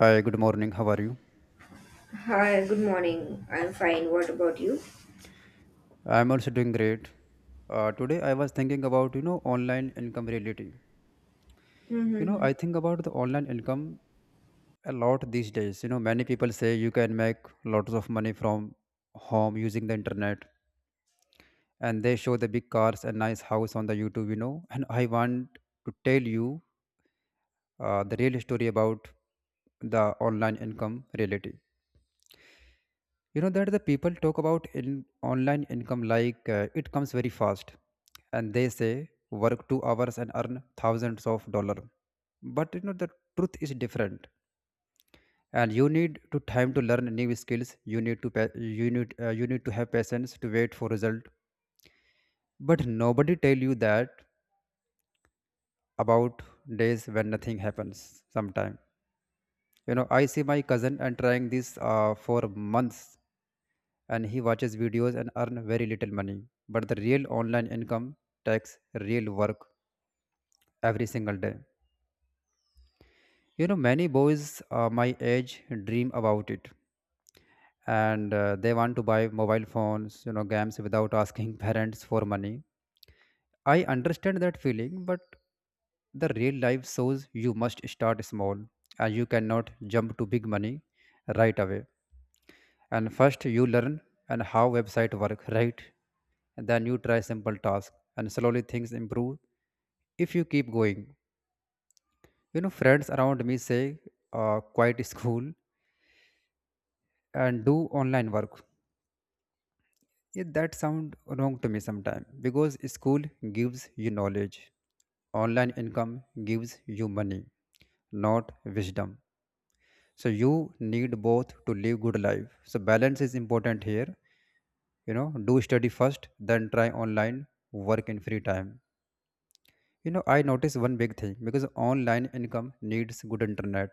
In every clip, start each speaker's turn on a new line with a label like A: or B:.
A: Hi, good morning. How are you?
B: Hi, good morning. I'm fine. What about you?
A: I'm also doing great. Today I was thinking about online income reality.
B: Mm-hmm.
A: I think about the online income a lot these days. Many people say you can make lots of money from home using the internet, and they show the big cars and nice house on the YouTube. And I want to tell you the real story about the online income reality. You know that the people talk about in online income like it comes very fast. And they say work 2 hours and earn thousands of dollar, but the truth is different. And you need to time to learn new skills. You need to pa- you need to have patience to wait for result. But nobody tell you that about days when nothing happens sometime. I see my cousin and trying this for months, and he watches videos and earn very little money. But the real online income takes real work every single day. Many boys my age dream about it, and they want to buy mobile phones, games without asking parents for money. I understand that feeling, but the real life shows you must start small, and you cannot jump to big money right away. And first you learn and how website work, right? Then you try simple task and slowly things improve if you keep going. Friends around me say, quit school and do online work. Yeah, that sound wrong to me sometimes because school gives you knowledge. Online income gives you money, not wisdom. So you need both to live good life. So balance is important here. Do study first, then try online work in free time. I noticed one big thing because online income needs good internet.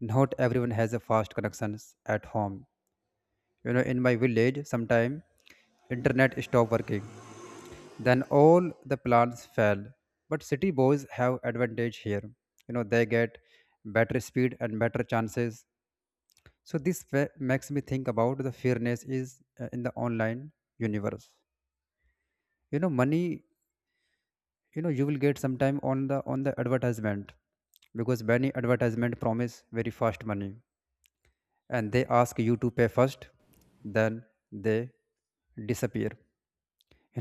A: Not everyone has a fast connections at home. In my village, sometime internet stopped working. Then all the plans fell. But city boys have advantage here. They get better speed and better chances. So this makes me think about the fairness is in the online universe. Money, you will get sometime on the advertisement, because many advertisement promise very fast money and they ask you to pay first, then they disappear. you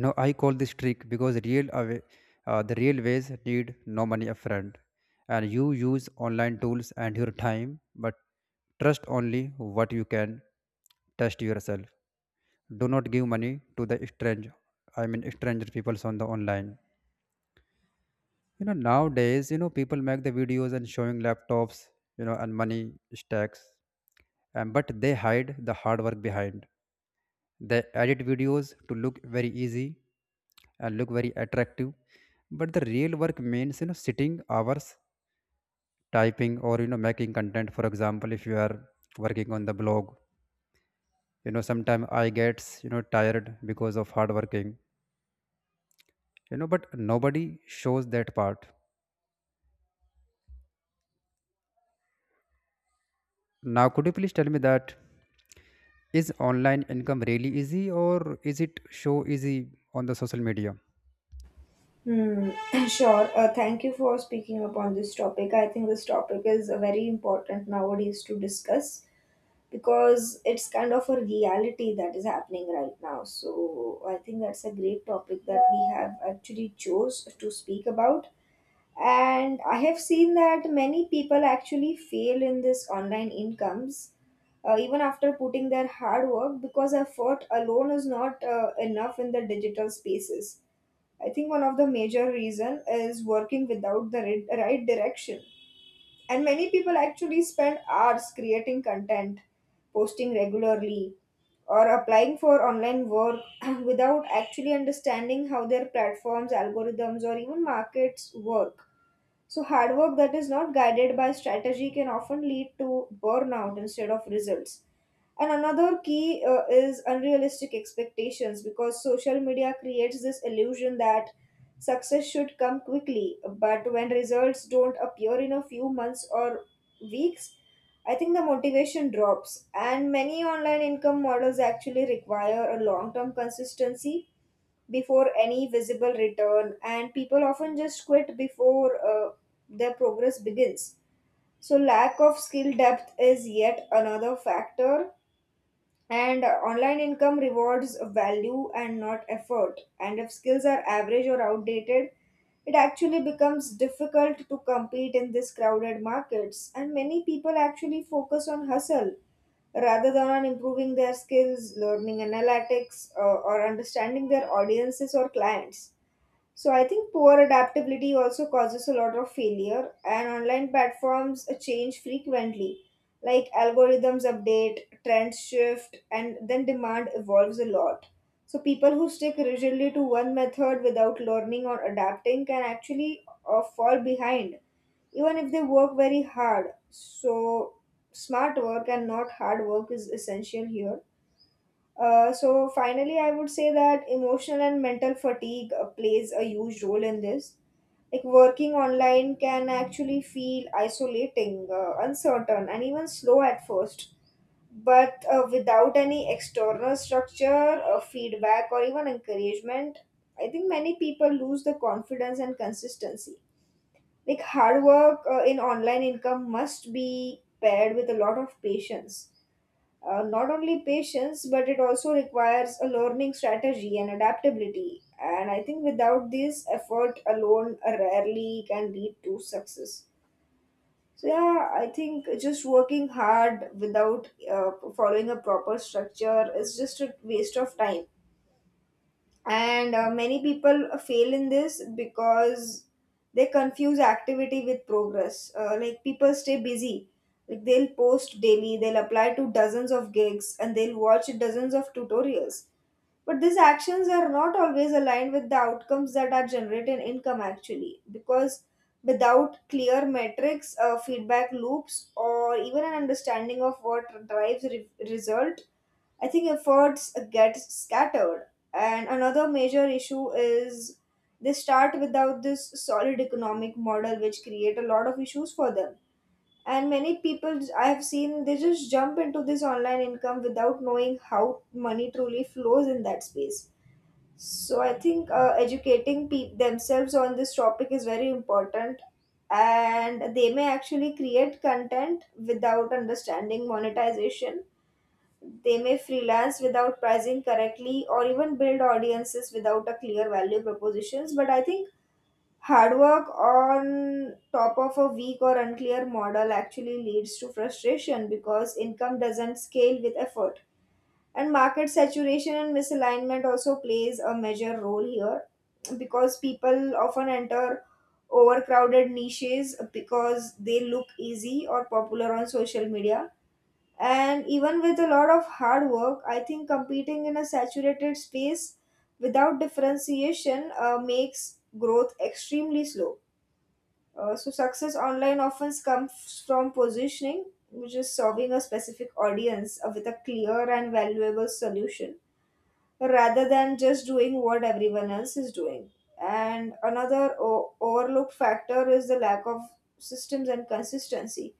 A: know I call this trick because the real ways need no money upfront. And you use online tools and your time, but trust only what you can test yourself. Do not give money to the strange, I mean stranger peoples on the online. Nowadays, people make the videos and showing laptops, and money stacks, and but they hide the hard work behind. They edit videos to look very easy and look very attractive, but the real work means sitting hours typing or making content. For example, if you are working on the blog, sometimes I gets tired because of hard working, but nobody shows that part. Now, could you please tell me that? Is online income really easy or is it show easy on the social media?
B: Hmm. Sure. Thank you for speaking upon this topic. I think this topic is very important nowadays to discuss because it's kind of a reality that is happening right now. So I think that's a great topic that we have actually chose to speak about. And I have seen that many people actually fail in this online incomes, even after putting their hard work, because effort alone is not enough in the digital spaces. I think one of the major reason is working without the right direction, and many people actually spend hours creating content, posting regularly, or applying for online work without actually understanding how their platforms algorithms or even markets work. So, hard work that is not guided by strategy can often lead to burnout instead of results. And another key is unrealistic expectations, because social media creates this illusion that success should come quickly. But when results don't appear in a few months or weeks, I think the motivation drops. And many online income models actually require a long term consistency before any visible return, and people often just quit before their progress begins. So, lack of skill depth is yet another factor, and online income rewards value and not effort. And if skills are average or outdated, it actually becomes difficult to compete in these crowded markets. And many people actually focus on hustle rather than on improving their skills, learning analytics, or understanding their audiences or clients. So I think poor adaptability also causes a lot of failure, and online platforms change frequently. Like algorithms update, trends shift, and then demand evolves a lot. So people who stick rigidly to one method without learning or adapting can actually fall behind, even if they work very hard. So smart work and not hard work is essential here. So finally, I would say that emotional and mental fatigue plays a huge role in this. Like working online can actually feel isolating, uncertain, and even slow at first. But without any external structure, feedback, or even encouragement, I think many people lose the confidence and consistency. Like hard work in online income must be paired with a lot of patience, not only patience, but it also requires a learning strategy and adaptability. And I think without this, effort alone rarely can lead to success. So yeah, I think just working hard without following a proper structure is just a waste of time, and many people fail in this because they confuse activity with progress. Like people stay busy, like they'll post daily, they'll apply to dozens of gigs, and they'll watch dozens of tutorials, but these actions are not always aligned with the outcomes that are generating income actually. Because without clear metrics, feedback loops, or even an understanding of what drives result, I think efforts get scattered. And another major issue is they start without this solid economic model, which create a lot of issues for them. And many people I have seen, they just jump into this online income without knowing how money truly flows in that space. So I think educating themselves on this topic is very important, and they may actually create content without understanding monetization. They may freelance without pricing correctly, or even build audiences without a clear value propositions. But I think hard work on top of a weak or unclear model actually leads to frustration because income doesn't scale with effort. And market saturation and misalignment also plays a major role here, because people often enter overcrowded niches because they look easy or popular on social media, and even with a lot of hard work, I think competing in a saturated space without differentiation makes growth extremely slow. So, success online often comes from positioning, which is serving a specific audience with a clear and valuable solution rather than just doing what everyone else is doing. And another overlooked factor is the lack of systems and consistency.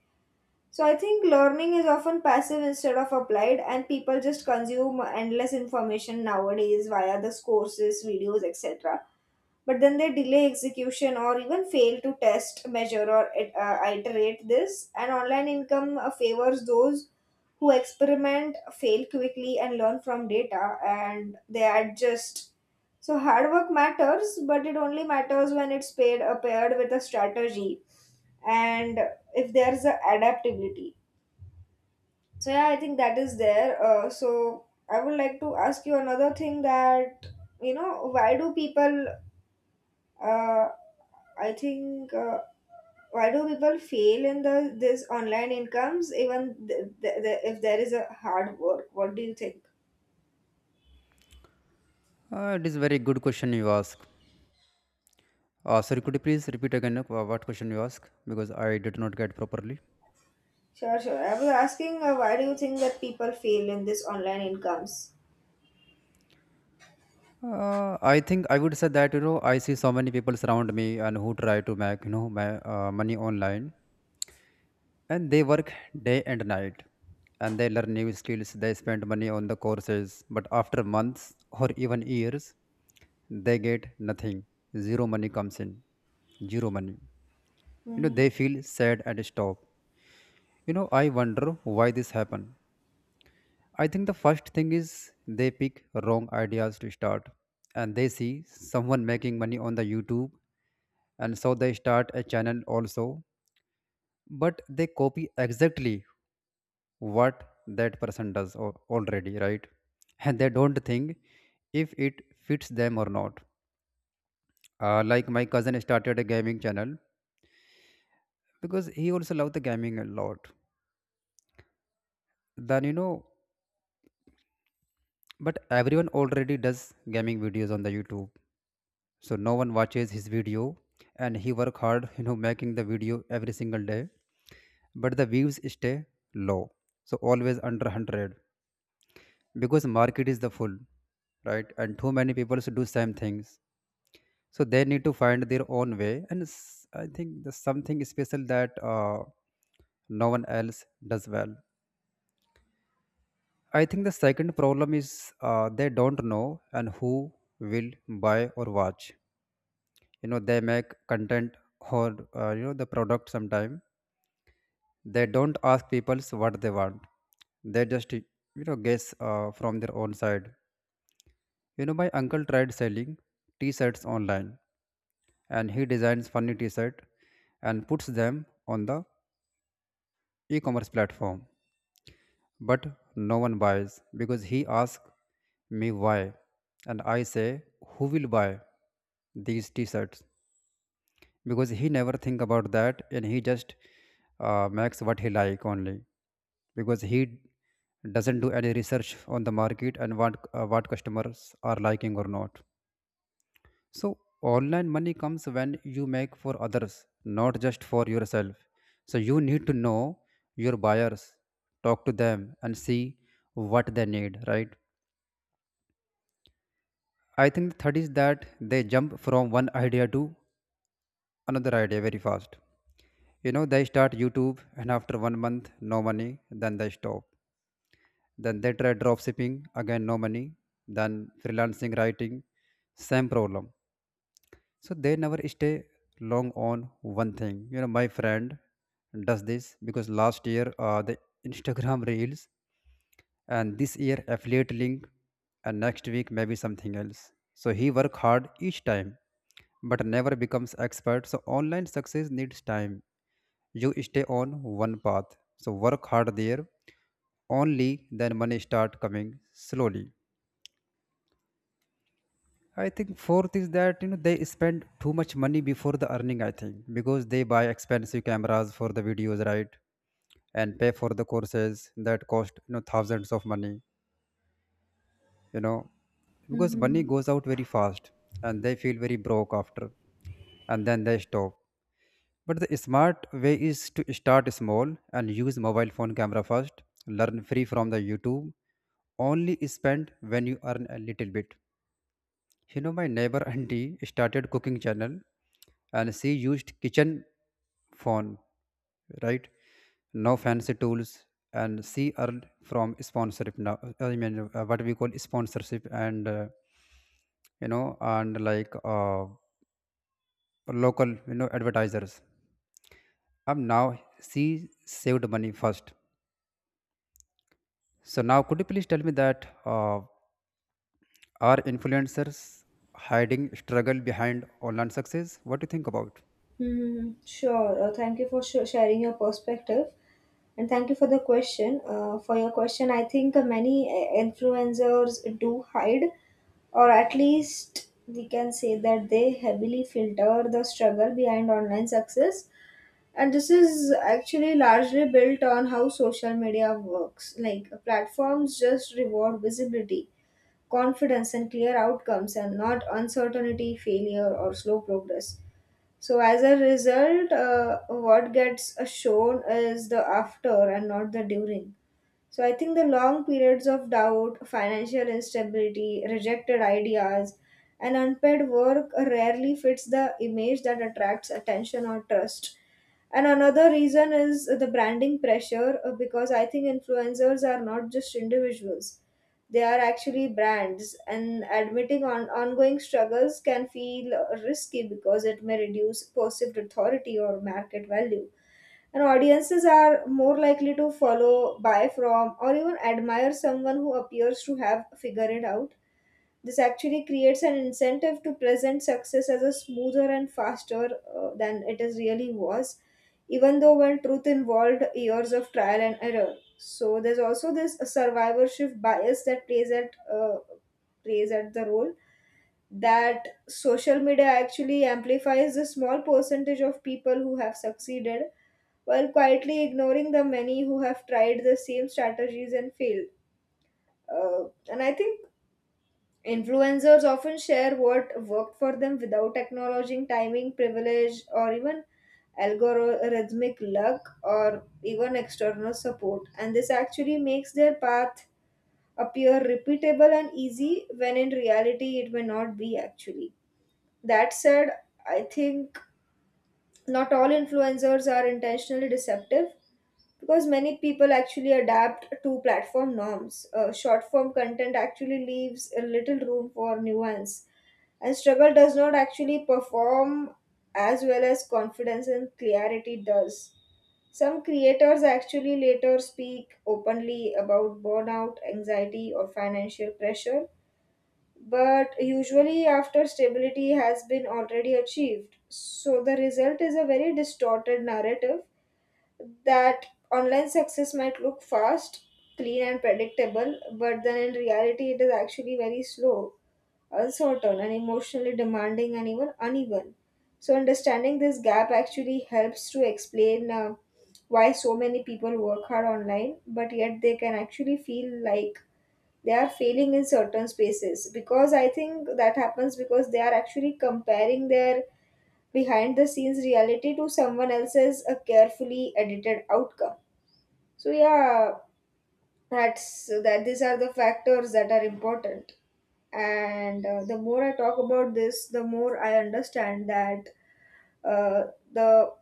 B: So I think learning is often passive instead of applied, and people just consume endless information nowadays via the courses, videos, etc. But then they delay execution or even fail to test, measure, or iterate this. And online income favors those who experiment, fail quickly, and learn from data, and they adjust. So hard work matters, but it only matters when it's paid, paired with a strategy, and if there's a adaptability. So yeah, I think that is there. So I would like to ask you another thing that you know, why do people uh, I think why do people fail in the this online incomes, even if there is a hard work? What do you think?
A: It is very good question you ask. Sorry, could you please repeat again what question you ask because I did not get properly.
B: Sure, sure. I was asking why do you think that people fail in this online incomes?
A: I think I would say that I see so many people around me and who try to make my money online, and they work day and night, and they learn new skills. They spend money on the courses, but after months or even years, they get nothing. Zero money comes in. Zero money. They feel sad and stop. I wonder why this happened. I think the first thing is they pick wrong ideas to start. And they see someone making money on the YouTube, and so they start a channel also. But they copy exactly what that person does already, right? And they don't think if it fits them or not. Like my cousin started a gaming channel because he also loved the gaming a lot. Then you know But everyone already does gaming videos on the YouTube. So no one watches his video, and he work hard, making the video every single day. But the views stay low. So always under 100, because market is the full, right? And too many people do same things. So they need to find their own way. And I think there's something special that no one else does well. I think the second problem is they don't know and who will buy or watch. They make content or the product sometime. They don't ask people what they want. They just guess from their own side. My uncle tried selling t-shirts online, and he designs funny t-shirt and puts them on the e-commerce platform, but no one buys. Because he asks me why, and I say, who will buy these t-shirts? Because he never think about that, and he just makes what he like only, because he doesn't do any research on the market and what customers are liking or not. So online money comes when you make for others, not just for yourself. So you need to know your buyers, talk to them, and see what they need, right? I think the third is that they jump from one idea to another idea very fast. They start YouTube, and after 1 month, no money, then they stop. Then they try drop shipping, again no money, then freelancing writing, same problem. So they never stay long on one thing. My friend does this because last year the Instagram reels, and this year affiliate link, and next week maybe something else. So he work hard each time but never becomes expert. So online success needs time, you stay on one path. So work hard there. Only then money start coming slowly. I think fourth is that they spend too much money before the earning. I think because they buy expensive cameras for the videos, right? And pay for the courses that cost thousands of money. You know because money
B: Mm-hmm.
A: goes out very fast, and they feel very broke after, and then they stop. But the smart way is to start small and use mobile phone camera first, learn free from the YouTube, only spend when you earn a little bit. My neighbor auntie started cooking channel, and she used kitchen phone, right? No fancy tools, and she earned from sponsorship now. I mean, what we call sponsorship and, and like local, advertisers. Now she saved money first. So now, could you please tell me that are influencers hiding struggle behind online success? What do you think about?
B: Hmm. Sure. Thank you for sharing your perspective, and thank you for the question. For your question, I think many influencers do hide, or at least we can say that they heavily filter the struggle behind online success. And this is actually largely built on how social media works. Like platforms just reward visibility, confidence, and clear outcomes, and not uncertainty, failure, or slow progress. So as a result, what gets shown is the after and not the during. So I think the long periods of doubt, financial instability, rejected ideas, and unpaid work rarely fits the image that attracts attention or trust. And another reason is the branding pressure, because I think influencers are not just individuals. They are actually brands, and admitting ongoing struggles can feel risky because it may reduce perceived authority or market value. And audiences are more likely to follow, buy from, or even admire someone who appears to have figured it out. This actually creates an incentive to present success as a smoother and faster than it is really was, even though when truth involved years of trial and error. So there's also this survivorship bias that plays at the role, that social media actually amplifies the small percentage of people who have succeeded while quietly ignoring the many who have tried the same strategies and failed. And I think influencers often share what worked for them without acknowledging timing, privilege, or even algorithmic luck or even external support. And this actually makes their path appear repeatable and easy when in reality it may not be actually. That said, I think not all influencers are intentionally deceptive, because many people actually adapt to platform norms. Short form content actually leaves a little room for nuance, and struggle does not actually perform as well as confidence and clarity does. Some creators actually later speak openly about burnout, anxiety, or financial pressure, but usually after stability has been already achieved. So the result is a very distorted narrative, that online success might look fast, clean, and predictable, but then in reality, it is actually very slow, uncertain, and emotionally demanding, and even uneven. So, understanding this gap actually helps to explain why so many people work hard online, but yet they can actually feel like they are failing in certain spaces. Because I think that happens because they are actually comparing their behind the scenes reality to someone else's a carefully edited outcome. So, yeah, that's that these are the factors that are important, and the more I talk about this the more I understand that uh, the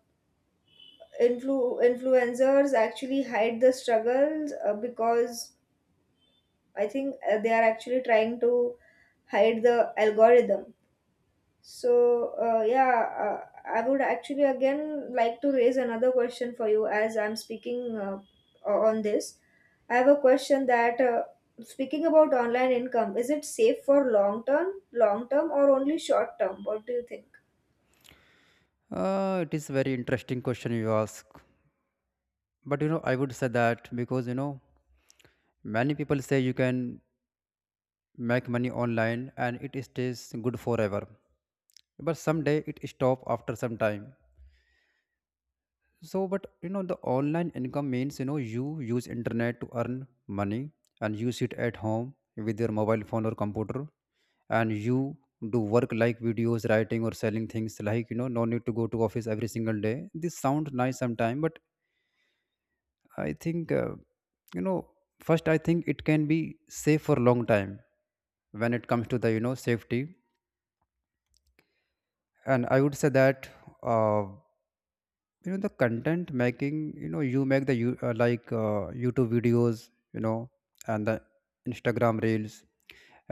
B: influencers actually hide the struggles, because I think they are actually trying to hide the algorithm. So, yeah, I would actually again like to raise another question for you as I'm speaking on this. I have a question that speaking about online income, is it safe for long term, or only short term? What do you think?
A: It is very interesting question you ask. But I would say that because many people say you can make money online and it stays good forever. But someday it stop after some time. So but the online income means you use internet to earn money. And you sit at home with your mobile phone or computer, and you do work like videos writing or selling things, like no need to go to office every single day. This sounds nice sometime, but I think you know first I think it can be safe for long time when it comes to the safety. And I would say that uh, the content making, you make the you like YouTube videos, you know and the Instagram reels,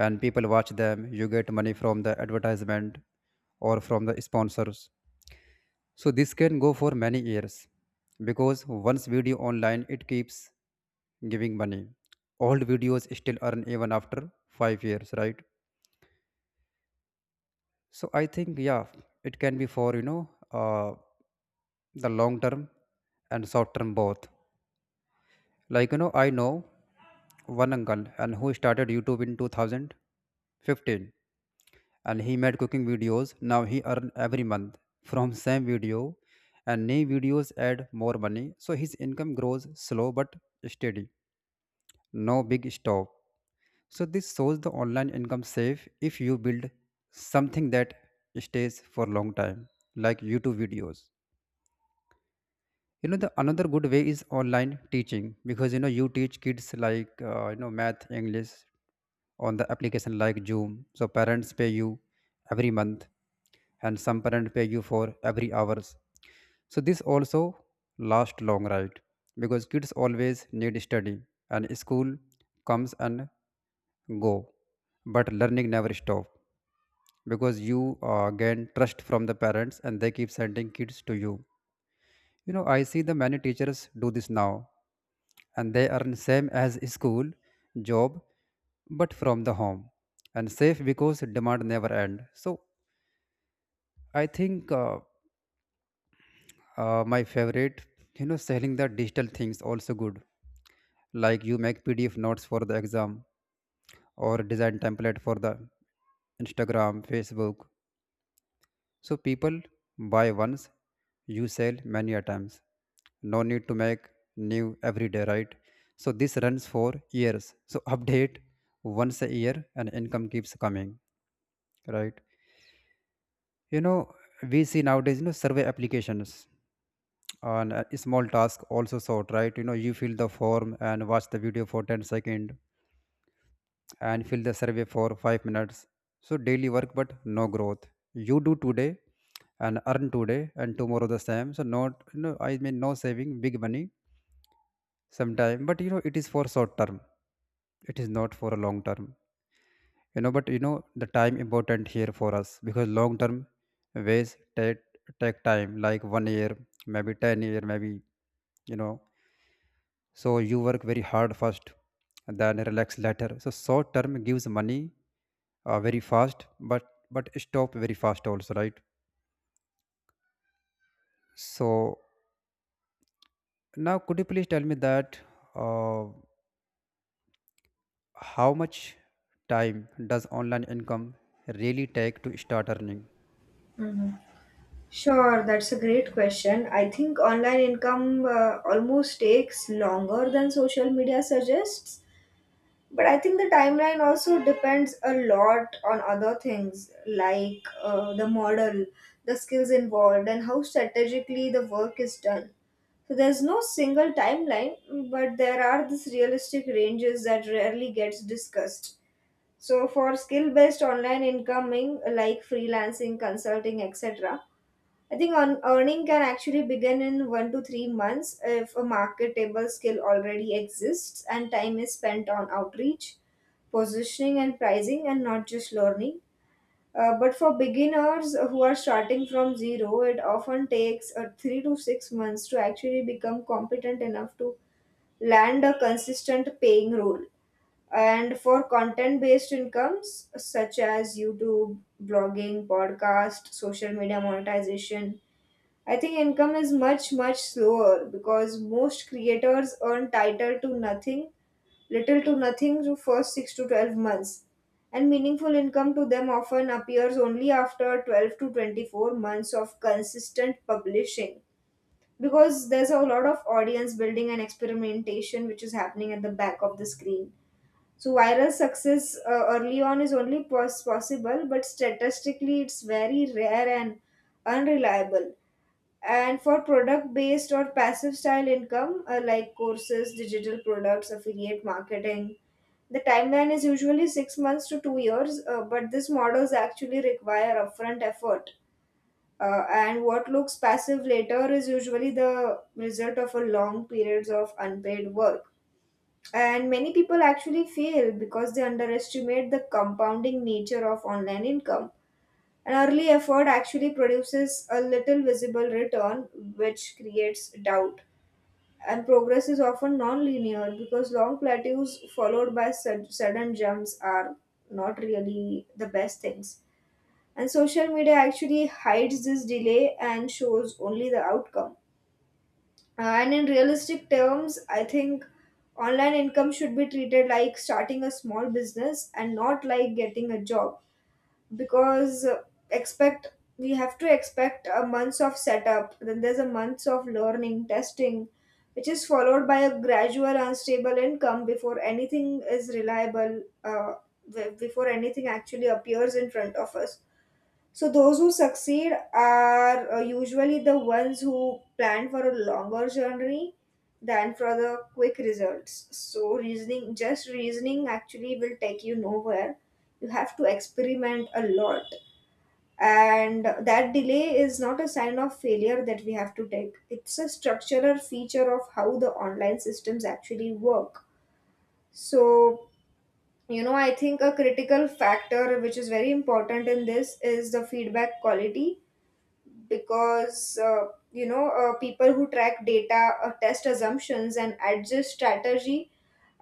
A: and people watch them. You get money from the advertisement or from the sponsors. So this can go for many years, because once video online it keeps giving money. Old videos still earn even after 5 years, right? So I think, yeah, it can be for uh, the long term and short term both. Like, I know one uncle and who started YouTube in 2015, and he made cooking videos. Now he earn every month from same video, and new videos add more money. So his income grows slow but steady. No big stop. So this shows the online income safe if you build something that stays for long time like YouTube videos. The another good way is online teaching because you teach kids like math english on the application like Zoom. So parents pay you every month, and some parents pay you for every hours. So this also last long, right? Because kids always need study and school comes and go, but learning never stop because you gain trust from the parents and they keep sending kids to you. I see the many teachers do this now, and they earn same as school job, but from the home, and safe because demand never end. So I think my favorite, selling the digital things also good. Like you make PDF notes for the exam or design template for the Instagram, Facebook. So people buy once, you sell many a times. No need to make new every day, right? So this runs for years. So update once a year and income keeps coming, right? You know, we see nowadays, survey applications on a small task also sort, right? You fill the form and watch the video for 10 seconds and fill the survey for 5 minutes. So daily work, but no growth. You do today and earn today and tomorrow the same. So not no saving big money sometime, but it is for short term, it is not for a long term. You know but you know The time important here for us because long term ways take take time like 1 year maybe, 10-year maybe, you know so you work very hard first and then relax later. So short term gives money very fast, but stop very fast also, right? So now could you please tell me that uh, how much time does online income really take to start earning?
B: Mm-hmm. Sure, that's a great question. I think online income almost takes longer than social media suggests. But I think the timeline also depends a lot on other things like the model, the skills involved, and how strategically the work is done. So there's no single timeline, but there are these realistic ranges that rarely gets discussed. So for skill-based online incoming like freelancing, consulting, etc., I think on earning can actually begin in 1 to 3 months if a marketable skill already exists and time is spent on outreach, positioning, and pricing, and not just learning. But for beginners who are starting from zero, it often takes 3 to 6 months to actually become competent enough to land a consistent paying role. And for content based incomes such as YouTube, blogging, podcast, social media monetization, I think income is much slower because most creators earn title to nothing, little to nothing to first 6 to 12 months. And meaningful income to them often appears only after 12 to 24 months of consistent publishing because there's a lot of audience building and experimentation which is happening at the back of the screen. So viral success early on is only pos- possible, but statistically, it's very rare and unreliable. And for product based or passive style income, like courses, digital products, affiliate marketing, the timeline is usually 6 months to 2 years, but these models actually require upfront effort. And what looks passive later is usually the result of a long periods of unpaid work. And many people actually fail because they underestimate the compounding nature of online income. An early effort actually produces a little visible return, which creates doubt. And progress is often non-linear because long plateaus followed by sudden jumps are not really the best things. And social media actually hides this delay and shows only the outcome. And in realistic terms, I think online income should be treated like starting a small business and not like getting a job because expect we have to expect a months of setup, then there's a months of learning testing which is followed by a gradual unstable income before anything is reliable, before anything actually appears in front of us. So those who succeed are usually the ones who plan for a longer journey than for the quick results. So reasoning, just reasoning actually will take you nowhere. You have to experiment a lot. And that delay is not a sign of failure that we have to take. It's a structural feature of how the online systems actually work. So, you know, I think a critical factor which is very important in this is the feedback quality because people who track data, test assumptions and adjust strategy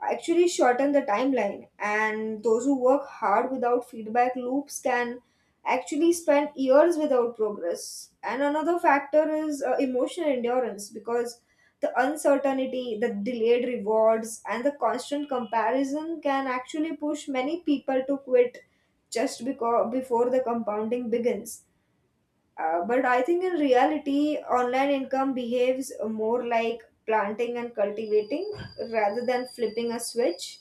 B: actually shorten the timeline, and those who work hard without feedback loops can actually spend years without progress. And another factor is emotional endurance, because the uncertainty, the delayed rewards, and the constant comparison can actually push many people to quit just because, before the compounding begins. But I think in reality, online income behaves more like planting and cultivating rather than flipping a switch.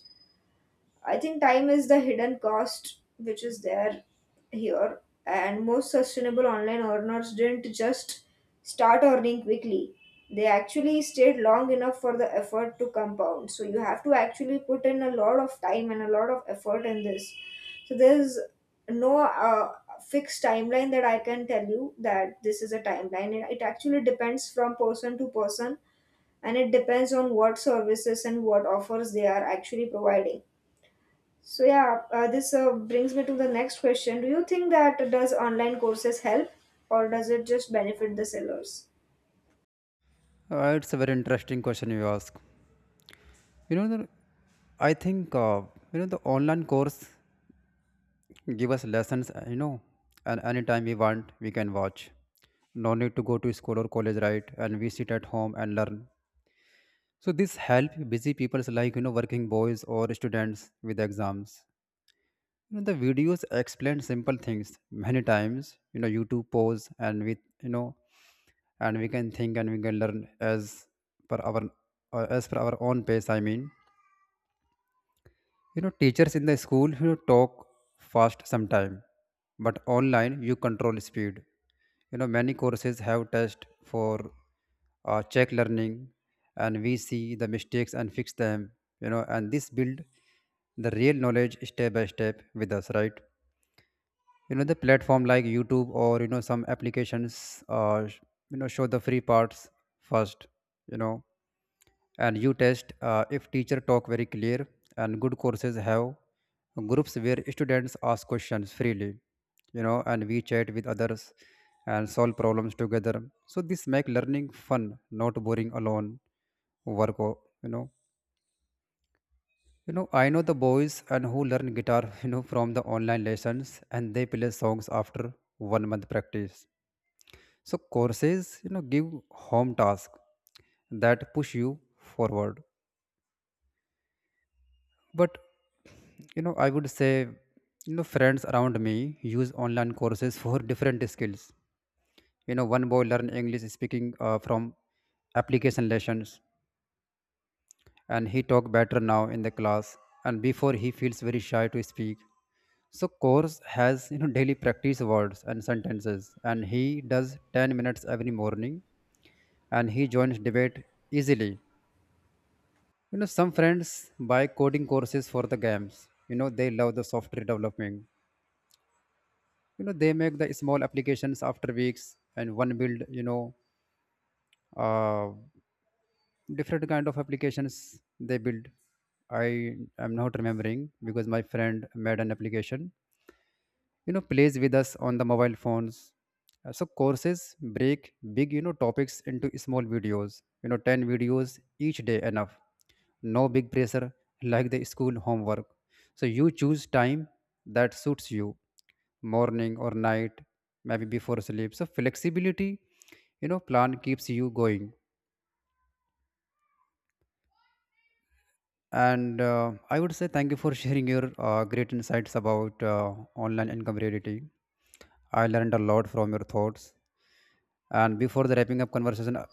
B: I think time is the hidden cost which is there here, and most sustainable online earners didn't just start earning quickly. They actually stayed long enough for the effort to compound. So you have to actually put in a lot of time and a lot of effort in this. So there's no fixed timeline that I can tell you that this is a timeline. It actually depends from person to person, and it depends on what services and what offers they are actually providing. So yeah, this brings me to the next question. Do you think that does online courses help or does it just benefit the sellers?
A: It's a very interesting question you ask. You know, the, I think the online course give us lessons. You know, and anytime we want, we can watch. No need to go to school or college, right? And we sit at home and learn. So this help busy people's like working boys or students with exams. The videos explain simple things many times. YouTube pause and with you know, and we can think and we can learn per our as per our own pace. I mean, teachers in the school talk fast sometime, but online you control speed. Many courses have test for check learning, and we see the mistakes and fix them. And this build the real knowledge step by step with us, right? The platform like YouTube or some applications uh, sh- show the free parts first, you know and you test if teacher talk very clear. And good courses have groups where students ask questions freely, and we chat with others and solve problems together. So this make learning fun, not boring alone. work o- you know I know the boys and who learn guitar, from the online lessons, and they play songs after 1 month practice. So courses, give home tasks that push you forward. But I would say, friends around me use online courses for different skills. One boy learn English speaking from application lessons, and he talk better now in the class, and before he feels very shy to speak. So course has daily practice words and sentences, and he does 10 minutes every morning, and he joins debate easily. Some friends buy coding courses for the games. They love the software development. They make the small applications after weeks, and one build, uh, different kind of applications they build. I am not remembering because my friend made an application plays with us on the mobile phones. So courses break big topics into small videos, 10 videos each day enough. No big pressure like the school homework. So you choose time that suits you, morning or night, maybe before sleep. So flexibility, plan keeps you going. And I would say thank you for sharing your great insights about online income reality. I learned a lot from your thoughts. And before the wrapping up conversation,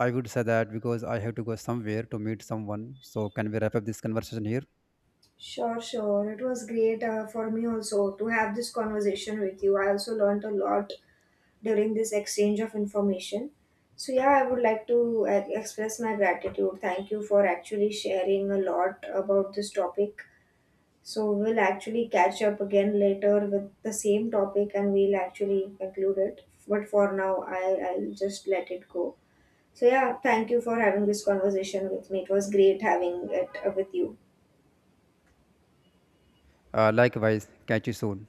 A: I would say that because I have to go somewhere to meet someone. So can we wrap up this conversation here?
B: Sure, sure. It was great for me also to have this conversation with you. I also learned a lot during this exchange of information. So yeah, I would like to express my gratitude. Thank you for actually sharing a lot about this topic. So we'll actually catch up again later with the same topic and we'll actually conclude it. But for now, I'll just let it go. So, yeah, thank you for having this conversation with me. It was great having it with you.
A: Likewise, catch you soon.